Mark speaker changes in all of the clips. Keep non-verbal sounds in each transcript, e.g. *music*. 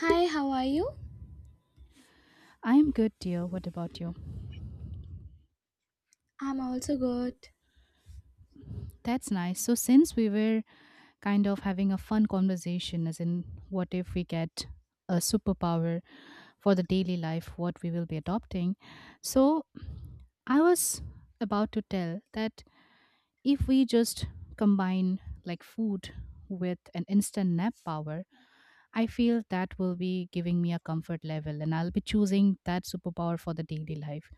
Speaker 1: Hi, how are you?
Speaker 2: I am good, dear. What about you?
Speaker 1: I'm also good.
Speaker 2: That's nice. So, since we were kind of having a fun conversation, as in, what if we get a superpower for the daily life, what we will be adopting? So, I was about to tell that if we just combine like food with an instant nap power, I feel that will be giving me a comfort level and I'll be choosing that superpower for the daily life.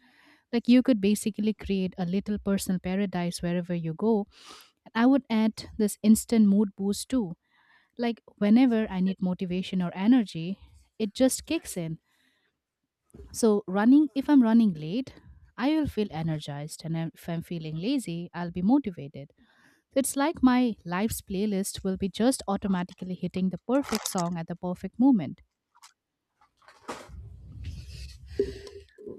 Speaker 2: Like you could basically create a little personal paradise wherever you go. And I would add this instant mood boost too. Like whenever I need motivation or energy, it just kicks in. So running if I'm running late, I will feel energized and if I'm feeling lazy, I'll be motivated. It's like my life's playlist will be just automatically hitting the perfect song at the perfect moment.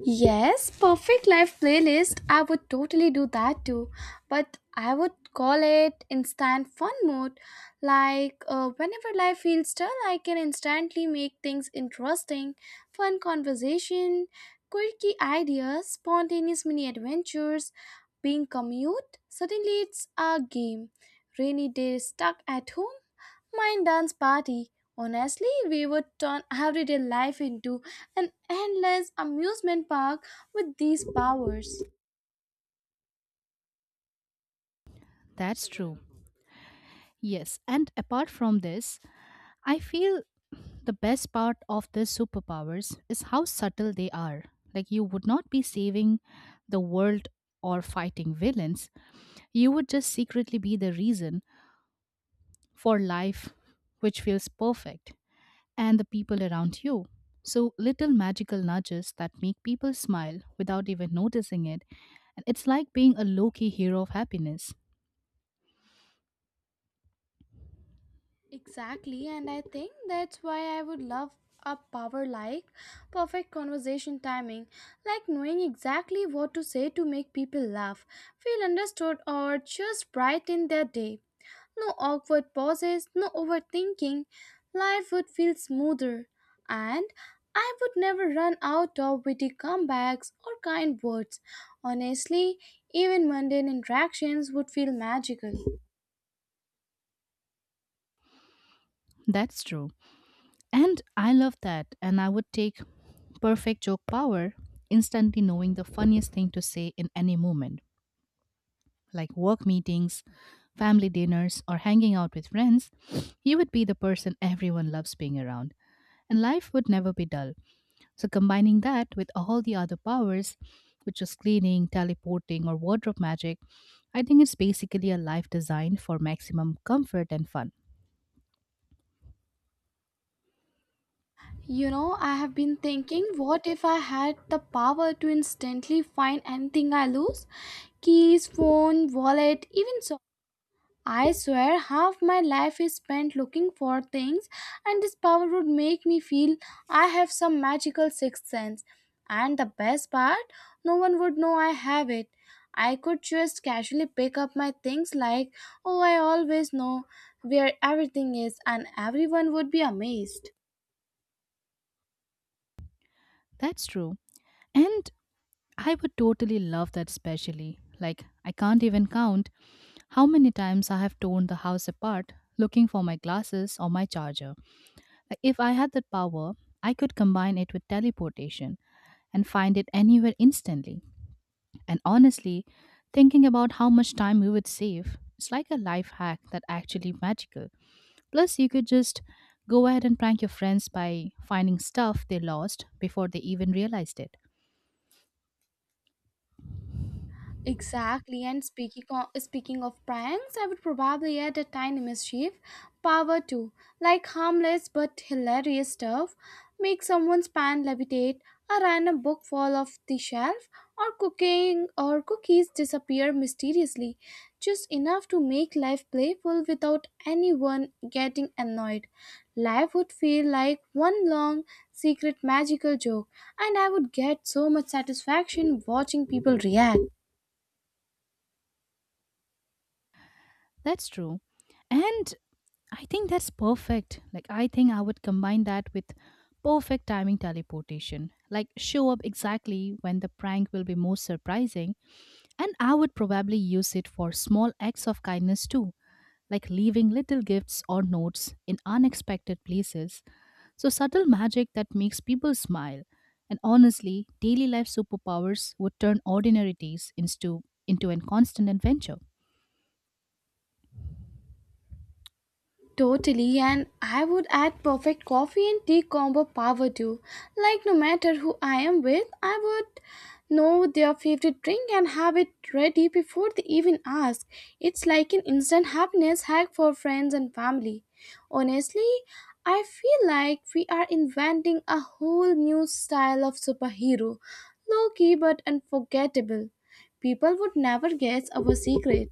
Speaker 1: Yes, perfect life playlist. I would totally do that too. But I would call it instant fun mode. Like, whenever life feels dull, I can instantly make things interesting, fun conversation, quirky ideas, spontaneous mini adventures, being commute. Suddenly, it's a game. Rainy day stuck at home. Mind dance party. Honestly, we would turn everyday life into an endless amusement park with these powers.
Speaker 2: That's true. Yes, and apart from this, I feel the best part of the superpowers is how subtle they are. Like, you would not be saving the world or fighting villains, you would just secretly be the reason for life which feels perfect. And the people around you. So, little magical nudges that make people smile without even noticing it. And it's like being a low key hero of happiness.
Speaker 1: Exactly, and I think that's why I would love a power like perfect conversation timing, like knowing exactly what to say to make people laugh, feel understood, or just brighten their day. No awkward pauses, no overthinking. Life would feel smoother, and I would never run out of witty comebacks or kind words. Honestly, even mundane interactions would feel magical.
Speaker 2: That's true. And I love that. And I would take perfect joke power, instantly knowing the funniest thing to say in any moment, like work meetings, family dinners, or hanging out with friends. You would be the person everyone loves being around and life would never be dull. So combining that with all the other powers, which is cleaning, teleporting, or wardrobe magic, I think it's basically a life designed for maximum comfort and fun.
Speaker 1: You know, I have been thinking what if I had the power to instantly find anything I lose? Keys, phone, wallet, even so. I swear half my life is spent looking for things, and this power would make me feel I have some magical sixth sense. And the best part, no one would know I have it. I could just casually pick up my things like, oh, I always know where everything is, and everyone would be amazed.
Speaker 2: That's true. And I would totally love that specially. Like, I can't even count how many times I have torn the house apart looking for my glasses or my charger. Like, if I had that power, I could combine it with teleportation and find it anywhere instantly. And honestly, thinking about how much time we would save, it's like a life hack that actually magical. Plus, you could just go ahead and prank your friends by finding stuff they lost before they even realized it.
Speaker 1: Exactly, and speaking of pranks, I would probably add a tiny mischief power too, like harmless but hilarious stuff. Make someone's pan levitate, a random book fall off the shelf, or cooking or cookies disappear mysteriously. Just enough to make life playful without anyone getting annoyed. Life would feel like one long secret magical joke, and I would get so much satisfaction watching people react.
Speaker 2: That's true. And I think that's perfect. Like, I think I would combine that with perfect timing teleportation. Like, show up exactly when the prank will be most surprising. And I would probably use it for small acts of kindness too, like leaving little gifts or notes in unexpected places. So, subtle magic that makes people smile. And honestly, daily life superpowers would turn ordinary days into a constant adventure.
Speaker 1: Totally, and I would add perfect coffee and tea combo power too. Like, no matter who I am with, I would know their favorite drink and have it ready before they even ask. It's like an instant happiness hack for friends and family. Honestly, I feel like we are inventing a whole new style of superhero. Low key but unforgettable. People would never guess our secret.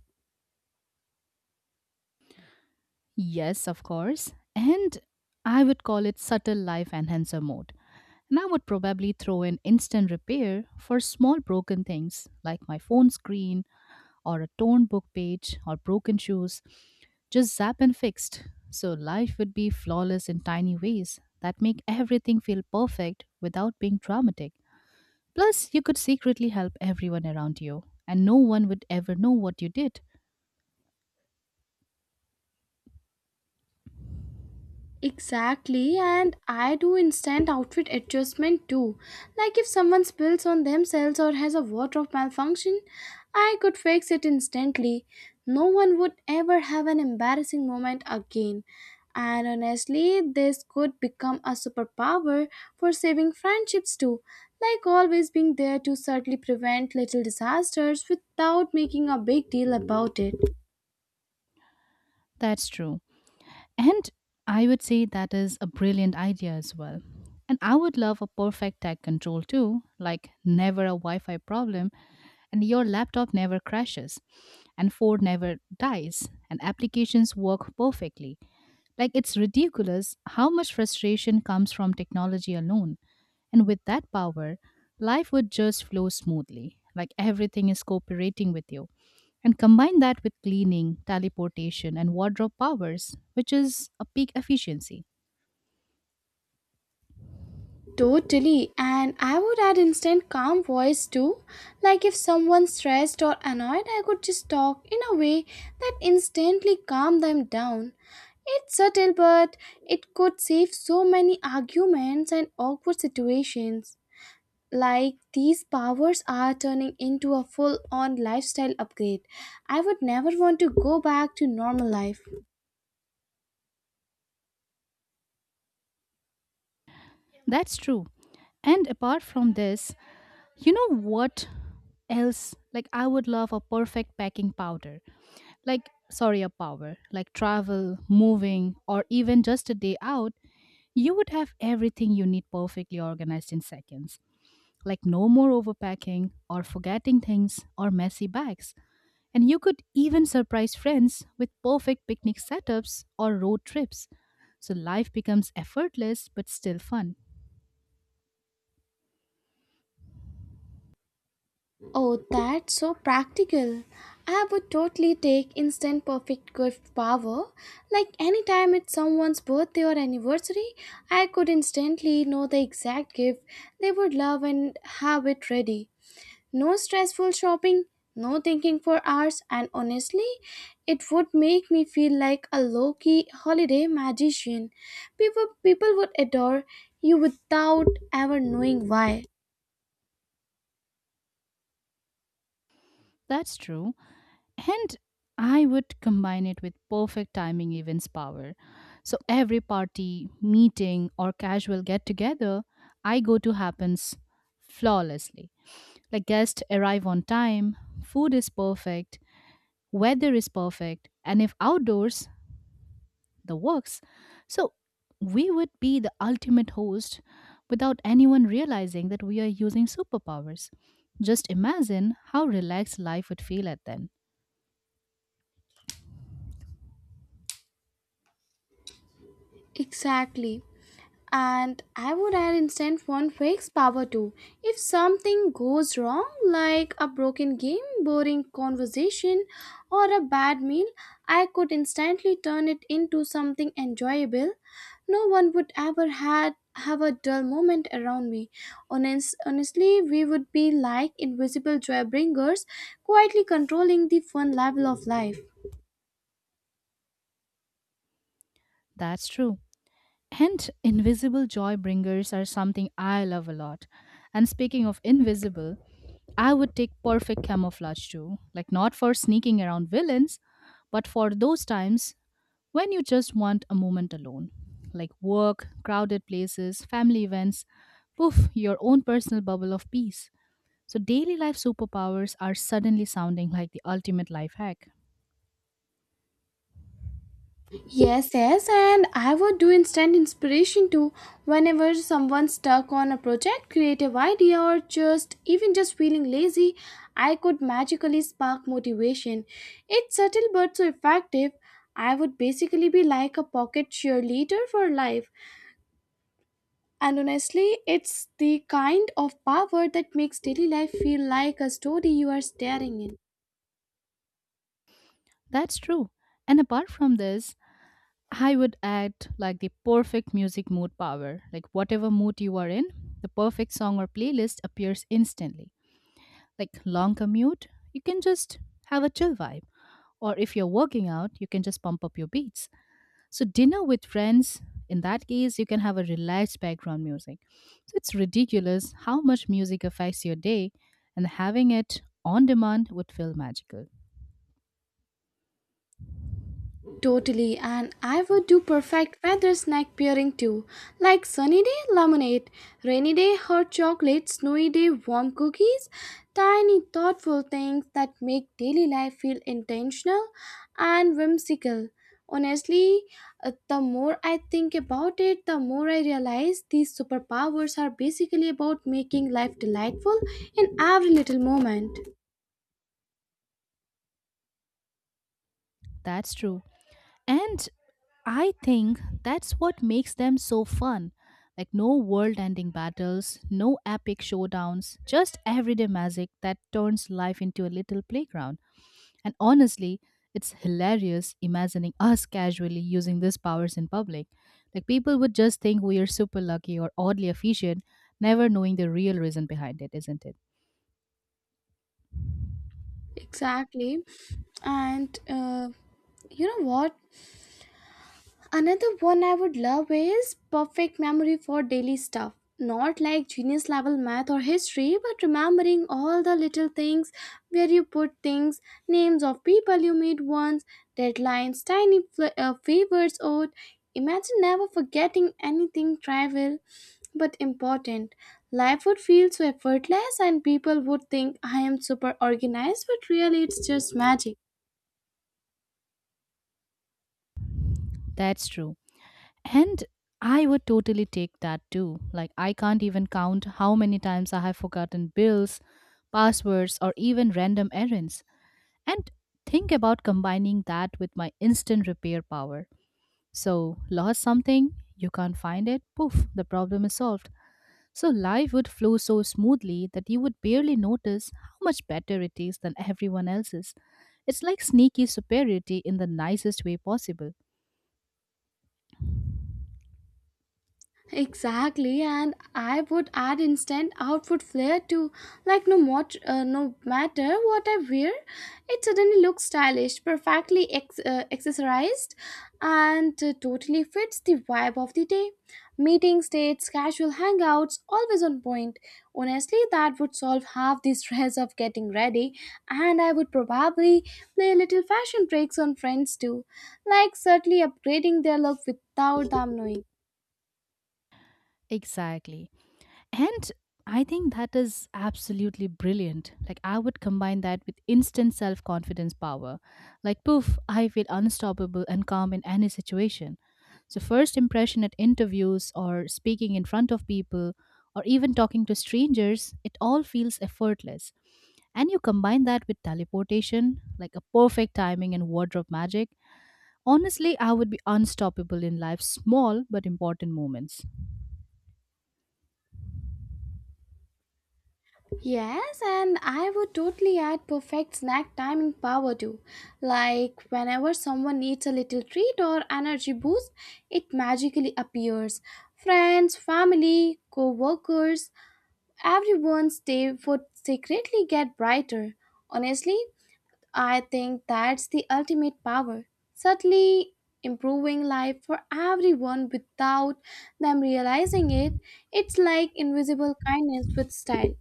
Speaker 2: Yes, of course. And I would call it subtle life enhancer mode. And I would probably throw in instant repair for small broken things like my phone screen or a torn book page or broken shoes, just zap and fixed. So life would be flawless in tiny ways that make everything feel perfect without being dramatic. Plus, you could secretly help everyone around you, and no one would ever know what you did.
Speaker 1: Exactly, and I do instant outfit adjustment too. Like if someone spills on themselves or has a wardrobe malfunction, I could fix it instantly. No one would ever have an embarrassing moment again. And honestly, this could become a superpower for saving friendships too. Like always being there to subtly prevent little disasters without making a big deal about it.
Speaker 2: That's true. And I would say that is a brilliant idea as well. And I would love a perfect tech control too, like never a Wi Fi problem, and your laptop never crashes, and Ford never dies, and applications work perfectly. Like, it's ridiculous how much frustration comes from technology alone. And with that power, life would just flow smoothly, like everything is cooperating with you. And combine that with cleaning, teleportation, and wardrobe powers, which is a peak efficiency.
Speaker 1: Totally, and I would add instant calm voice too. Like if someone's stressed or annoyed, I could just talk in a way that instantly calmed them down. It's subtle, but it could save so many arguments and awkward situations. Like these powers are turning into a full on lifestyle upgrade. I would never want to go back to normal life.
Speaker 2: That's true. And apart from this, you know what else? Like, I would love a perfect packing powder. Like, sorry, a power. Like, travel, moving, or even just a day out. You would have everything you need perfectly organized in seconds, like no more overpacking or forgetting things or messy bags. And you could even surprise friends with perfect picnic setups or road trips. So life becomes effortless but still fun.
Speaker 1: Oh, that's so practical. I would totally take instant perfect gift power. Like anytime it's someone's birthday or anniversary, I could instantly know the exact gift they would love and have it ready. No stressful shopping, no thinking for hours, and honestly, it would make me feel like a low key holiday magician. People would adore you without ever knowing why.
Speaker 2: That's true. And I would combine it with perfect timing events power. So every party, meeting, or casual get together I go to happens flawlessly. Like guests arrive on time, food is perfect, weather is perfect, and if outdoors, the works. So we would be the ultimate host without anyone realizing that we are using superpowers. Just imagine how relaxed life would feel at then.
Speaker 1: Exactly. And I would add instant phone fix power too. If something goes wrong, like a broken game, boring conversation, or a bad meal, I could instantly turn it into something enjoyable. No one would ever had have a dull moment around me. Honestly, we would be like invisible joy bringers, quietly controlling the fun level of life.
Speaker 2: That's true. And invisible joy bringers are something I love a lot. And speaking of invisible, I would take perfect camouflage too. Like, not for sneaking around villains, but for those times when you just want a moment alone, like work, crowded places, family events, poof, your own personal bubble of peace. So, daily life superpowers are suddenly sounding like the ultimate life hack.
Speaker 1: Yes, yes, and I would do instant inspiration too. Whenever someone's stuck on a project, creative idea, or just even just feeling lazy, I could magically spark motivation. It's subtle but so effective. I would basically be like a pocket cheerleader for life. And honestly, it's the kind of power that makes daily life feel like a story you are staring in.
Speaker 2: That's true. And apart from this, I would add like the perfect music mood power. Like, whatever mood you are in, the perfect song or playlist appears instantly. Like, long commute, you can just have a chill vibe. Or if you're working out, you can just pump up your beats. So, dinner with friends, in that case, you can have a relaxed background music. So, it's ridiculous how much music affects your day, and having it on demand would feel magical.
Speaker 1: Totally, and I would do perfect weather snack pairing too, like sunny day lemonade, rainy day hot chocolate, snowy day warm cookies, tiny thoughtful things that make daily life feel intentional and whimsical. Honestly, the more I think about it, the more I realize these superpowers are basically about making life delightful in every little moment.
Speaker 2: That's true. And I think that's what makes them so fun. Like, no world ending battles, no epic showdowns, just everyday magic that turns life into a little playground. And honestly, it's hilarious imagining us casually using these powers in public. Like people would just think we are super lucky or oddly efficient, never knowing the real reason behind it, isn't it?
Speaker 1: Exactly, and you know what? Another one I would love is perfect memory for daily stuff. Not like genius level math or history, but remembering all the little things where you put things, names of people you meet once, deadlines, tiny favors owed. Imagine never forgetting anything trivial but important. Life would feel so effortless, and people would think I am super organized, but really it's just magic.
Speaker 2: That's true. And I would totally take that too. Like I can't even count how many times I have forgotten bills, passwords, or even random errands. And think about combining that with my instant repair power. So, lost something, you can't find it, poof, the problem is solved. So life would flow so smoothly that you would barely notice how much better it is than everyone else's. It's like sneaky superiority in the nicest way possible.
Speaker 1: Exactly, and I would add instant outfit flair to like no more, no matter what I wear, it suddenly looks stylish, perfectly accessorized, and totally fits the vibe of the day. Meetings, dates, casual hangouts, always on point. Honestly, that would solve half the *laughs* stress of getting ready, and I would probably play little fashion tricks on friends too, like subtly upgrading their look without them knowing.
Speaker 2: Exactly. And I think that is absolutely brilliant. Like, I would combine that with instant self confidence power. Like, poof, I feel unstoppable and calm in any situation. So, first impression at interviews or speaking in front of people or even talking to strangers, it all feels effortless. And you combine that with teleportation, like a perfect timing and wardrobe magic, honestly, I would be unstoppable in life's small but important moments.
Speaker 1: Yes, and I would totally add perfect snack timing power too. Like whenever someone needs a little treat or energy boost, it magically appears. Friends, family, co-workers, everyone's day would secretly get brighter. Honestly, I think that's the ultimate power. Subtly improving life for everyone without them realizing it. It's like invisible kindness with style.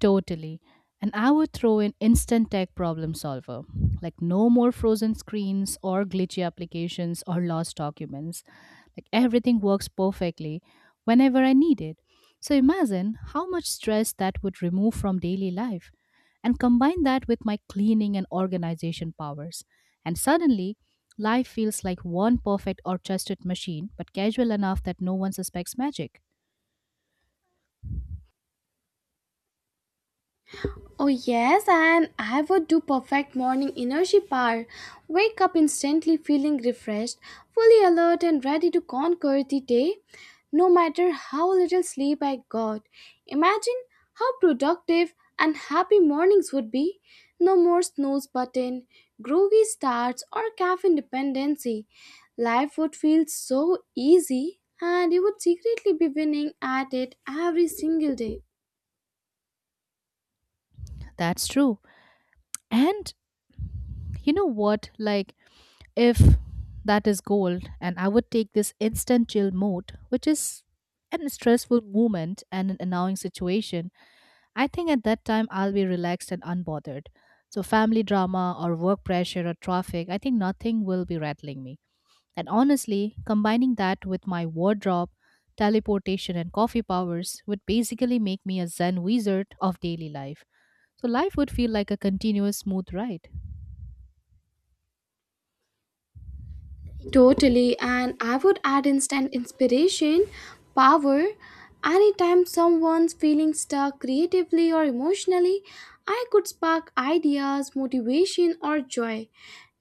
Speaker 2: Totally. And I would throw in instant tech problem solver, like no more frozen screens or glitchy applications or lost documents. Like everything works perfectly whenever I need it. So imagine how much stress that would remove from daily life. And combine that with my cleaning and organization powers. And suddenly, life feels like one perfect orchestrated machine, but casual enough that no one suspects magic.
Speaker 1: Oh, yes, and I would do perfect morning energy bar. Wake up instantly feeling refreshed, fully alert, and ready to conquer the day, no matter how little sleep I got. Imagine how productive and happy mornings would be. No more snooze button, groggy starts, or caffeine dependency. Life would feel so easy, and you would secretly be winning at it every single day.
Speaker 2: That's true. And you know what? Like, if that is gold and I would take this instant chill mode, which is an stressful moment and an annoying situation. I think at that time I'll be relaxed and unbothered. So family drama or work pressure or traffic, I think nothing will be rattling me. And honestly, combining that with my wardrobe, teleportation and coffee powers would basically make me a zen wizard of daily life. So life would feel like a continuous smooth ride.
Speaker 1: Totally, and I would add instant inspiration, power. Anytime someone's feeling stuck creatively or emotionally, I could spark ideas, motivation, or joy.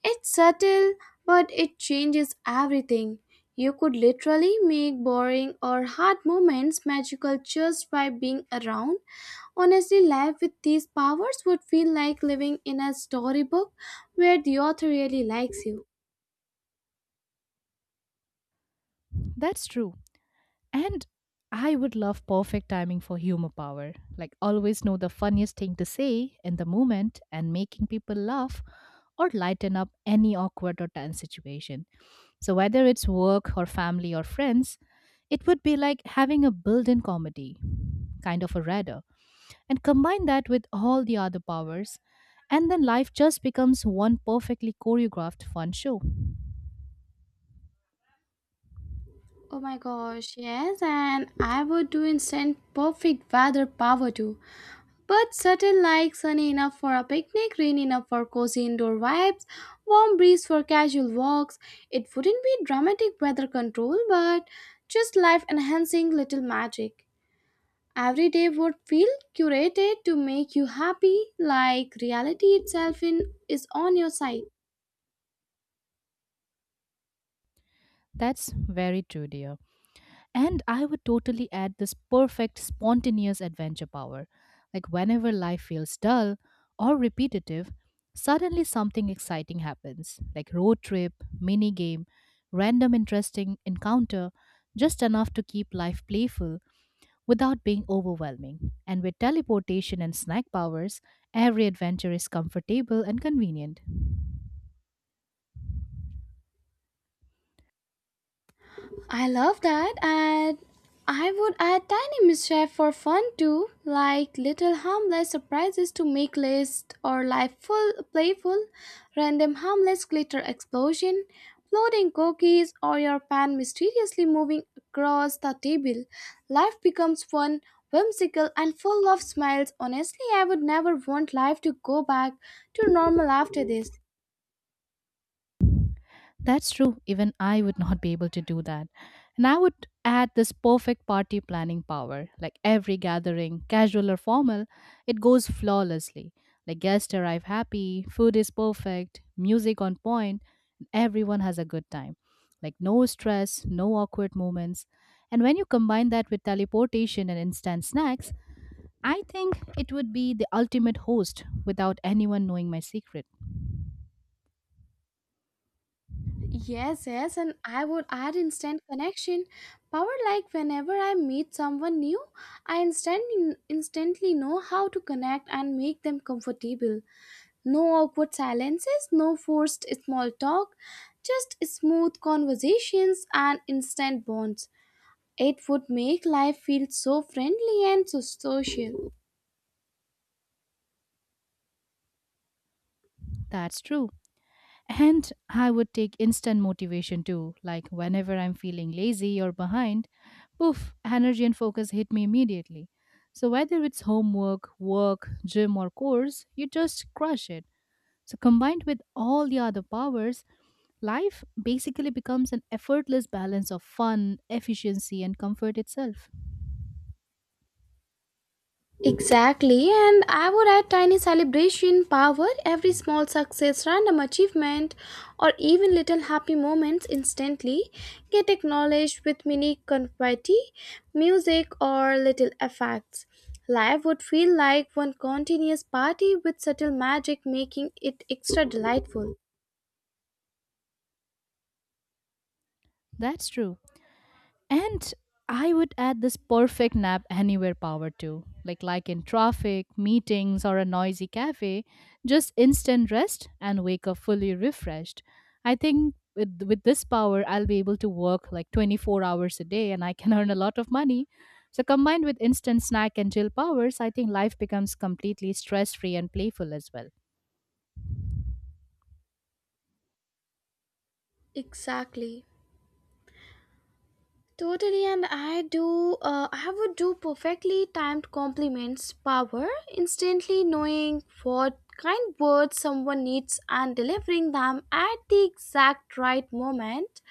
Speaker 1: It's subtle, but it changes everything. You could literally make boring or hard moments magical just by being around. Honestly, life with these powers would feel like living in a storybook where the author really likes you.
Speaker 2: That's true. And I would love perfect timing for humor power. Like, always know the funniest thing to say in the moment and making people laugh or lighten up any awkward or tense situation. So, whether it's work or family or friends, it would be like having a built in comedy, kind of a radar. And combine that with all the other powers, and then life just becomes one perfectly choreographed fun show.
Speaker 1: Oh my gosh, yes, and I would do instant perfect weather power too. But certain like sunny enough for a picnic, rain enough for cozy indoor vibes, warm breeze for casual walks. It wouldn't be dramatic weather control, but just life enhancing little magic. Every day would feel curated to make you happy, like reality itself in, is on your side.
Speaker 2: That's very true, dear. And I would totally add this perfect spontaneous adventure power. Like whenever life feels dull or repetitive, suddenly something exciting happens, like road trip, mini game, random interesting encounter, just enough to keep life playful without being overwhelming. And with teleportation and snack powers, every adventure is comfortable and convenient.
Speaker 1: I love that. And I would add tiny mischief for fun too, like little harmless surprises to make list or life full playful, random harmless glitter explosion, floating cookies, or your pan mysteriously moving across the table. Life becomes fun, whimsical, and full of smiles. Honestly, I would never want life to go back to normal after this.
Speaker 2: That's true. Even I would not be able to do that. And I would add this perfect party planning power. Like every gathering, casual or formal, it goes flawlessly. Like guests arrive happy, food is perfect, music on point, and everyone has a good time. Like no stress, no awkward moments. And when you combine that with teleportation and instant snacks, I think it would be the ultimate host without anyone knowing my secret.
Speaker 1: Yes, yes, and I would add instant connection power. Like whenever I meet someone new, I instantly know how to connect and make them comfortable. No awkward silences, no forced small talk, just smooth conversations and instant bonds. It would make life feel so friendly and so social.
Speaker 2: That's true. And I would take instant motivation too, like whenever I'm feeling lazy or behind, poof, energy and focus hit me immediately. So whether it's homework, work, gym or course, you just crush it. So combined with all the other powers, life basically becomes an effortless balance of fun, efficiency and comfort itself.
Speaker 1: Exactly, and I would add tiny celebration, power, every small success, random achievement, or even little happy moments instantly get acknowledged with mini confetti, music, or little effects. Life would feel like one continuous party with subtle magic making it extra delightful.
Speaker 2: That's true. And I would add this perfect nap anywhere power too, like in traffic, meetings, or a noisy cafe, just instant rest and wake up fully refreshed. I think with this power, I'll be able to work like 24 hours a day, and I can *laughs* earn a lot of money. So combined with instant snack and chill powers, I think life becomes completely stress free and playful as well.
Speaker 1: Exactly. Totally, and I would do perfectly timed compliments, power, instantly knowing what kind words someone needs and delivering them at the exact right moment.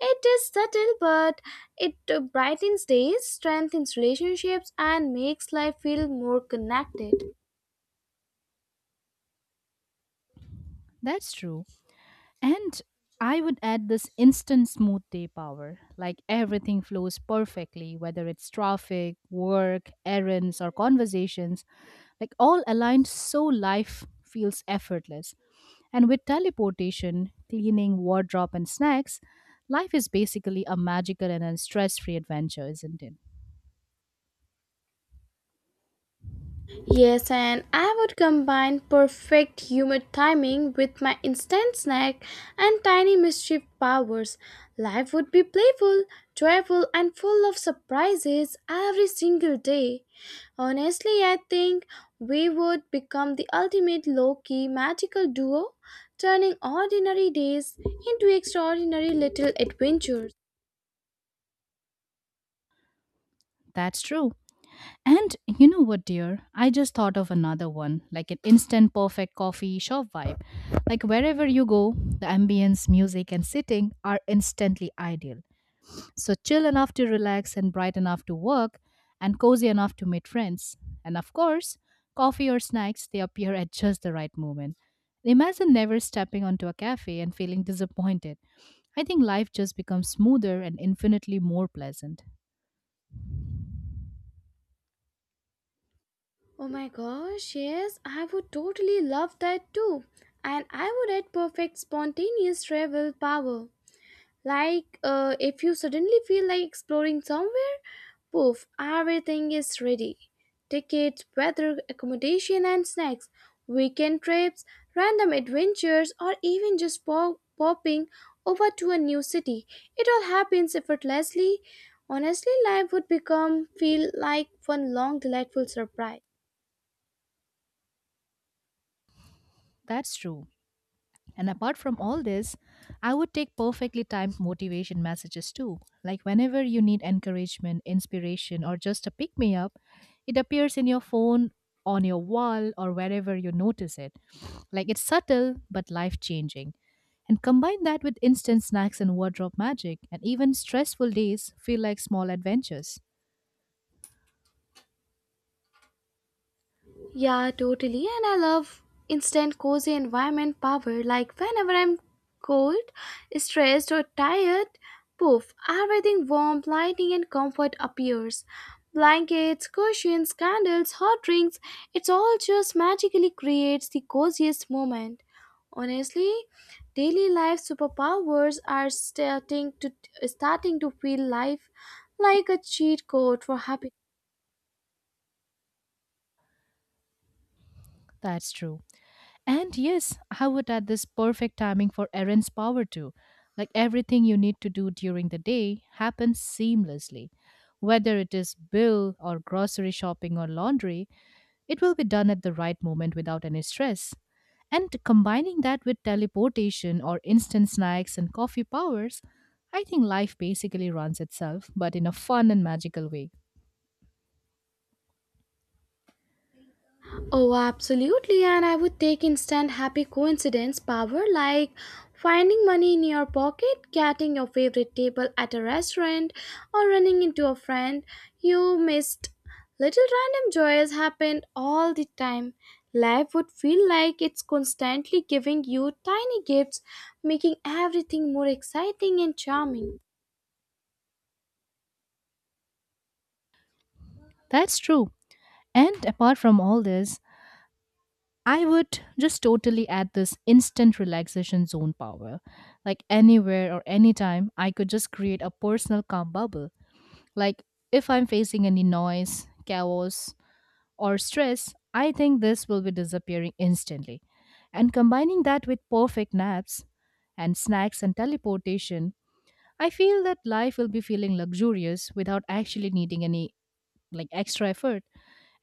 Speaker 1: It is subtle, but it brightens days, strengthens relationships, and makes life feel more connected.
Speaker 2: That's true. And I would add this instant smooth day power. Like everything flows perfectly, whether it's traffic, work, errands, or conversations, like all aligned so life feels effortless. And with teleportation, cleaning, wardrobe, and snacks, life is basically a magical and a stress free adventure, isn't it?
Speaker 1: Yes, and I would combine perfect humor timing with my instant snack and tiny mischief powers. Life would be playful, joyful, and full of surprises every single day. Honestly, I think we would become the ultimate low key magical duo, turning ordinary days into extraordinary little adventures.
Speaker 2: That's true. And you know what, dear? I just thought of another one, like an instant perfect coffee shop vibe. Like wherever you go, the ambience, music, and sitting are instantly ideal. So chill enough to relax and bright enough to work and cozy enough to meet friends. And of course, coffee or snacks, they appear at just the right moment. Imagine never stepping onto a cafe and feeling disappointed. I think life just becomes smoother and infinitely more pleasant.
Speaker 1: Oh my gosh, yes, I would totally love that too. And I would add perfect spontaneous travel power. Like, if you suddenly feel like exploring somewhere, poof, everything is ready. Tickets, weather, accommodation, and snacks, weekend trips, random adventures, or even just popping over to a new city. It all happens effortlessly. Honestly, life would become feel like one long, delightful surprise.
Speaker 2: That's true. And apart from all this, I would take perfectly timed motivation messages too. Like whenever you need encouragement, inspiration, or just a pick me up, it appears in your phone, on your wall, or wherever you notice it. Like it's subtle but life changing. And combine that with instant snacks and wardrobe magic, and even stressful days feel like small adventures.
Speaker 1: Yeah, totally. And I love instant cozy environment power. Like whenever I'm cold, stressed, or tired, poof, everything warm, lighting, and comfort appears. Blankets, cushions, candles, hot drinks, it's all just magically creates the coziest moment. Honestly, daily life superpowers are starting to feel life like a cheat code for happiness.
Speaker 2: That's true. And yes, how would add this perfect timing for Erin's power too? Like everything you need to do during the day happens seamlessly. Whether it is bill or grocery shopping or laundry, it will be done at the right moment without any stress. And combining that with teleportation or instant snacks and coffee powers, I think life basically runs itself, but in a fun and magical way.
Speaker 1: Oh, absolutely. And I would take instant happy coincidence power like finding money in your pocket, getting your favorite table at a restaurant, or running into a friend you missed. Little random joys happen all the time. Life would feel like it's constantly giving you tiny gifts, making everything more exciting and charming.
Speaker 2: That's true. And apart from all this, I would just totally add this instant relaxation zone power. Like anywhere or anytime, I could just create a personal calm bubble. Like if I'm facing any noise, chaos, or stress, I think this will be disappearing instantly. And combining that with perfect naps and snacks and teleportation, I feel that life will be feeling luxurious without actually needing any like extra effort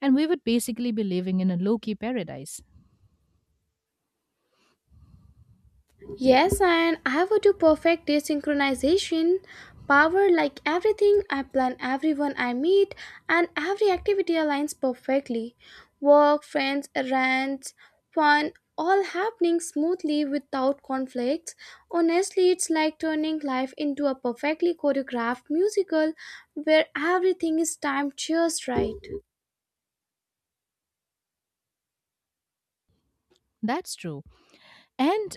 Speaker 2: and we would basically be living in a low-key paradise.
Speaker 1: Yes, and I have to perfect desynchronization power like everything I plan, everyone I meet, and every activity aligns perfectly. Work, friends, errands, fun, all happening smoothly without conflicts. Honestly, it's like turning life into a perfectly choreographed musical where everything is timed just right.
Speaker 2: That's true. And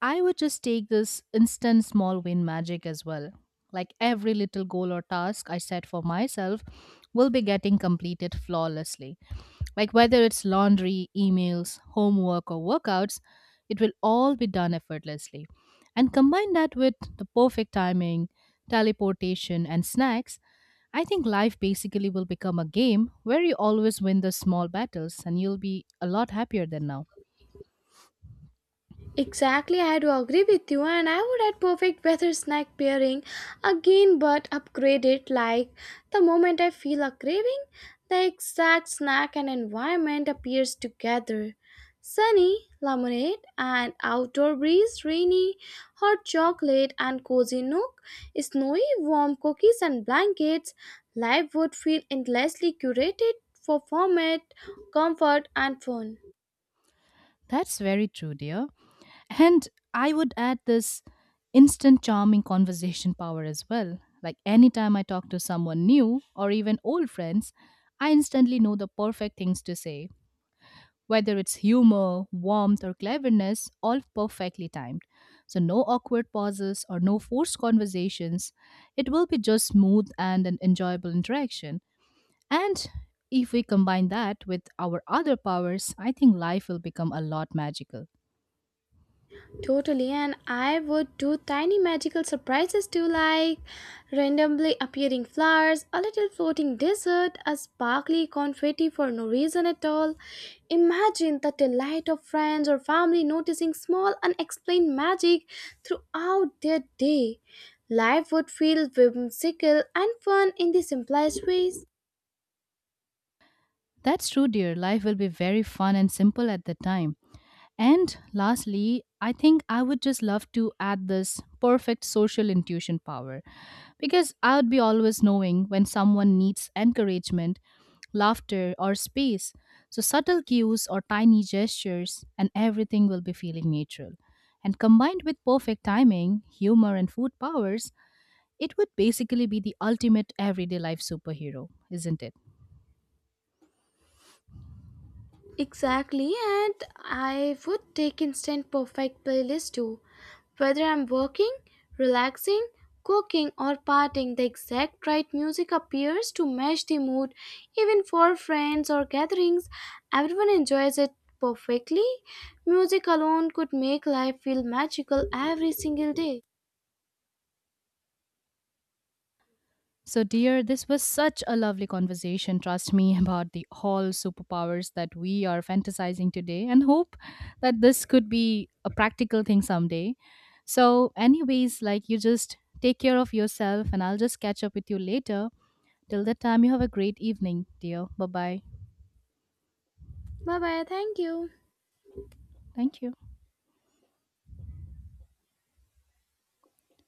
Speaker 2: I would just take this instant small win magic as well. Like every little goal or task I set for myself will be getting completed flawlessly. Like whether it's laundry, emails, homework, or workouts, it will all be done effortlessly. And combine that with the perfect timing, teleportation, and snacks, I think life basically will become a game where you always win the small battles and you'll be a lot happier than now.
Speaker 1: Exactly, I do agree with you, and I would add perfect weather snack pairing again, but upgrade it like the moment I feel a craving, the exact snack and environment appears together. Sunny, lemonade, and outdoor breeze, rainy, hot chocolate, and cozy nook, snowy, warm cookies and blankets, life would feel endlessly curated for format, comfort, and fun.
Speaker 2: That's very true, dear. And I would add this instant charming conversation power as well. Like anytime I talk to someone new or even old friends, I instantly know the perfect things to say, whether it's humor, warmth, or cleverness, all perfectly timed. So, no awkward pauses or no forced conversations. It will be just smooth and an enjoyable interaction. And if we combine that with our other powers, I think life will become a lot magical.
Speaker 1: Totally, and I would do tiny magical surprises too, like randomly appearing flowers, a little floating dessert, a sparkly confetti for no reason at all. Imagine the delight of friends or family noticing small unexplained magic throughout their day. Life would feel whimsical and fun in the simplest ways.
Speaker 2: That's true, dear. Life will be very fun and simple at the time. And lastly, I think I would just love to add this perfect social intuition power because I would be always knowing when someone needs encouragement, laughter, or space. So, subtle cues or tiny gestures, and everything will be feeling natural. And combined with perfect timing, humor, and food powers, it would basically be the ultimate everyday life superhero, isn't it?
Speaker 1: Exactly, and I would take instant perfect playlist too. Whether I'm working, relaxing, cooking, or partying, the exact right music appears to match the mood. Even for friends or gatherings, everyone enjoys it perfectly. Music alone could make life feel magical every single day.
Speaker 2: So, dear, this was such a lovely conversation, trust me, about the all superpowers that we are fantasizing today and hope that this could be a practical thing someday. So, anyways, like you just take care of yourself and I'll just catch up with you later. Till that time, you have a great evening, dear. Bye bye.
Speaker 1: Bye bye, thank you.
Speaker 2: Thank you.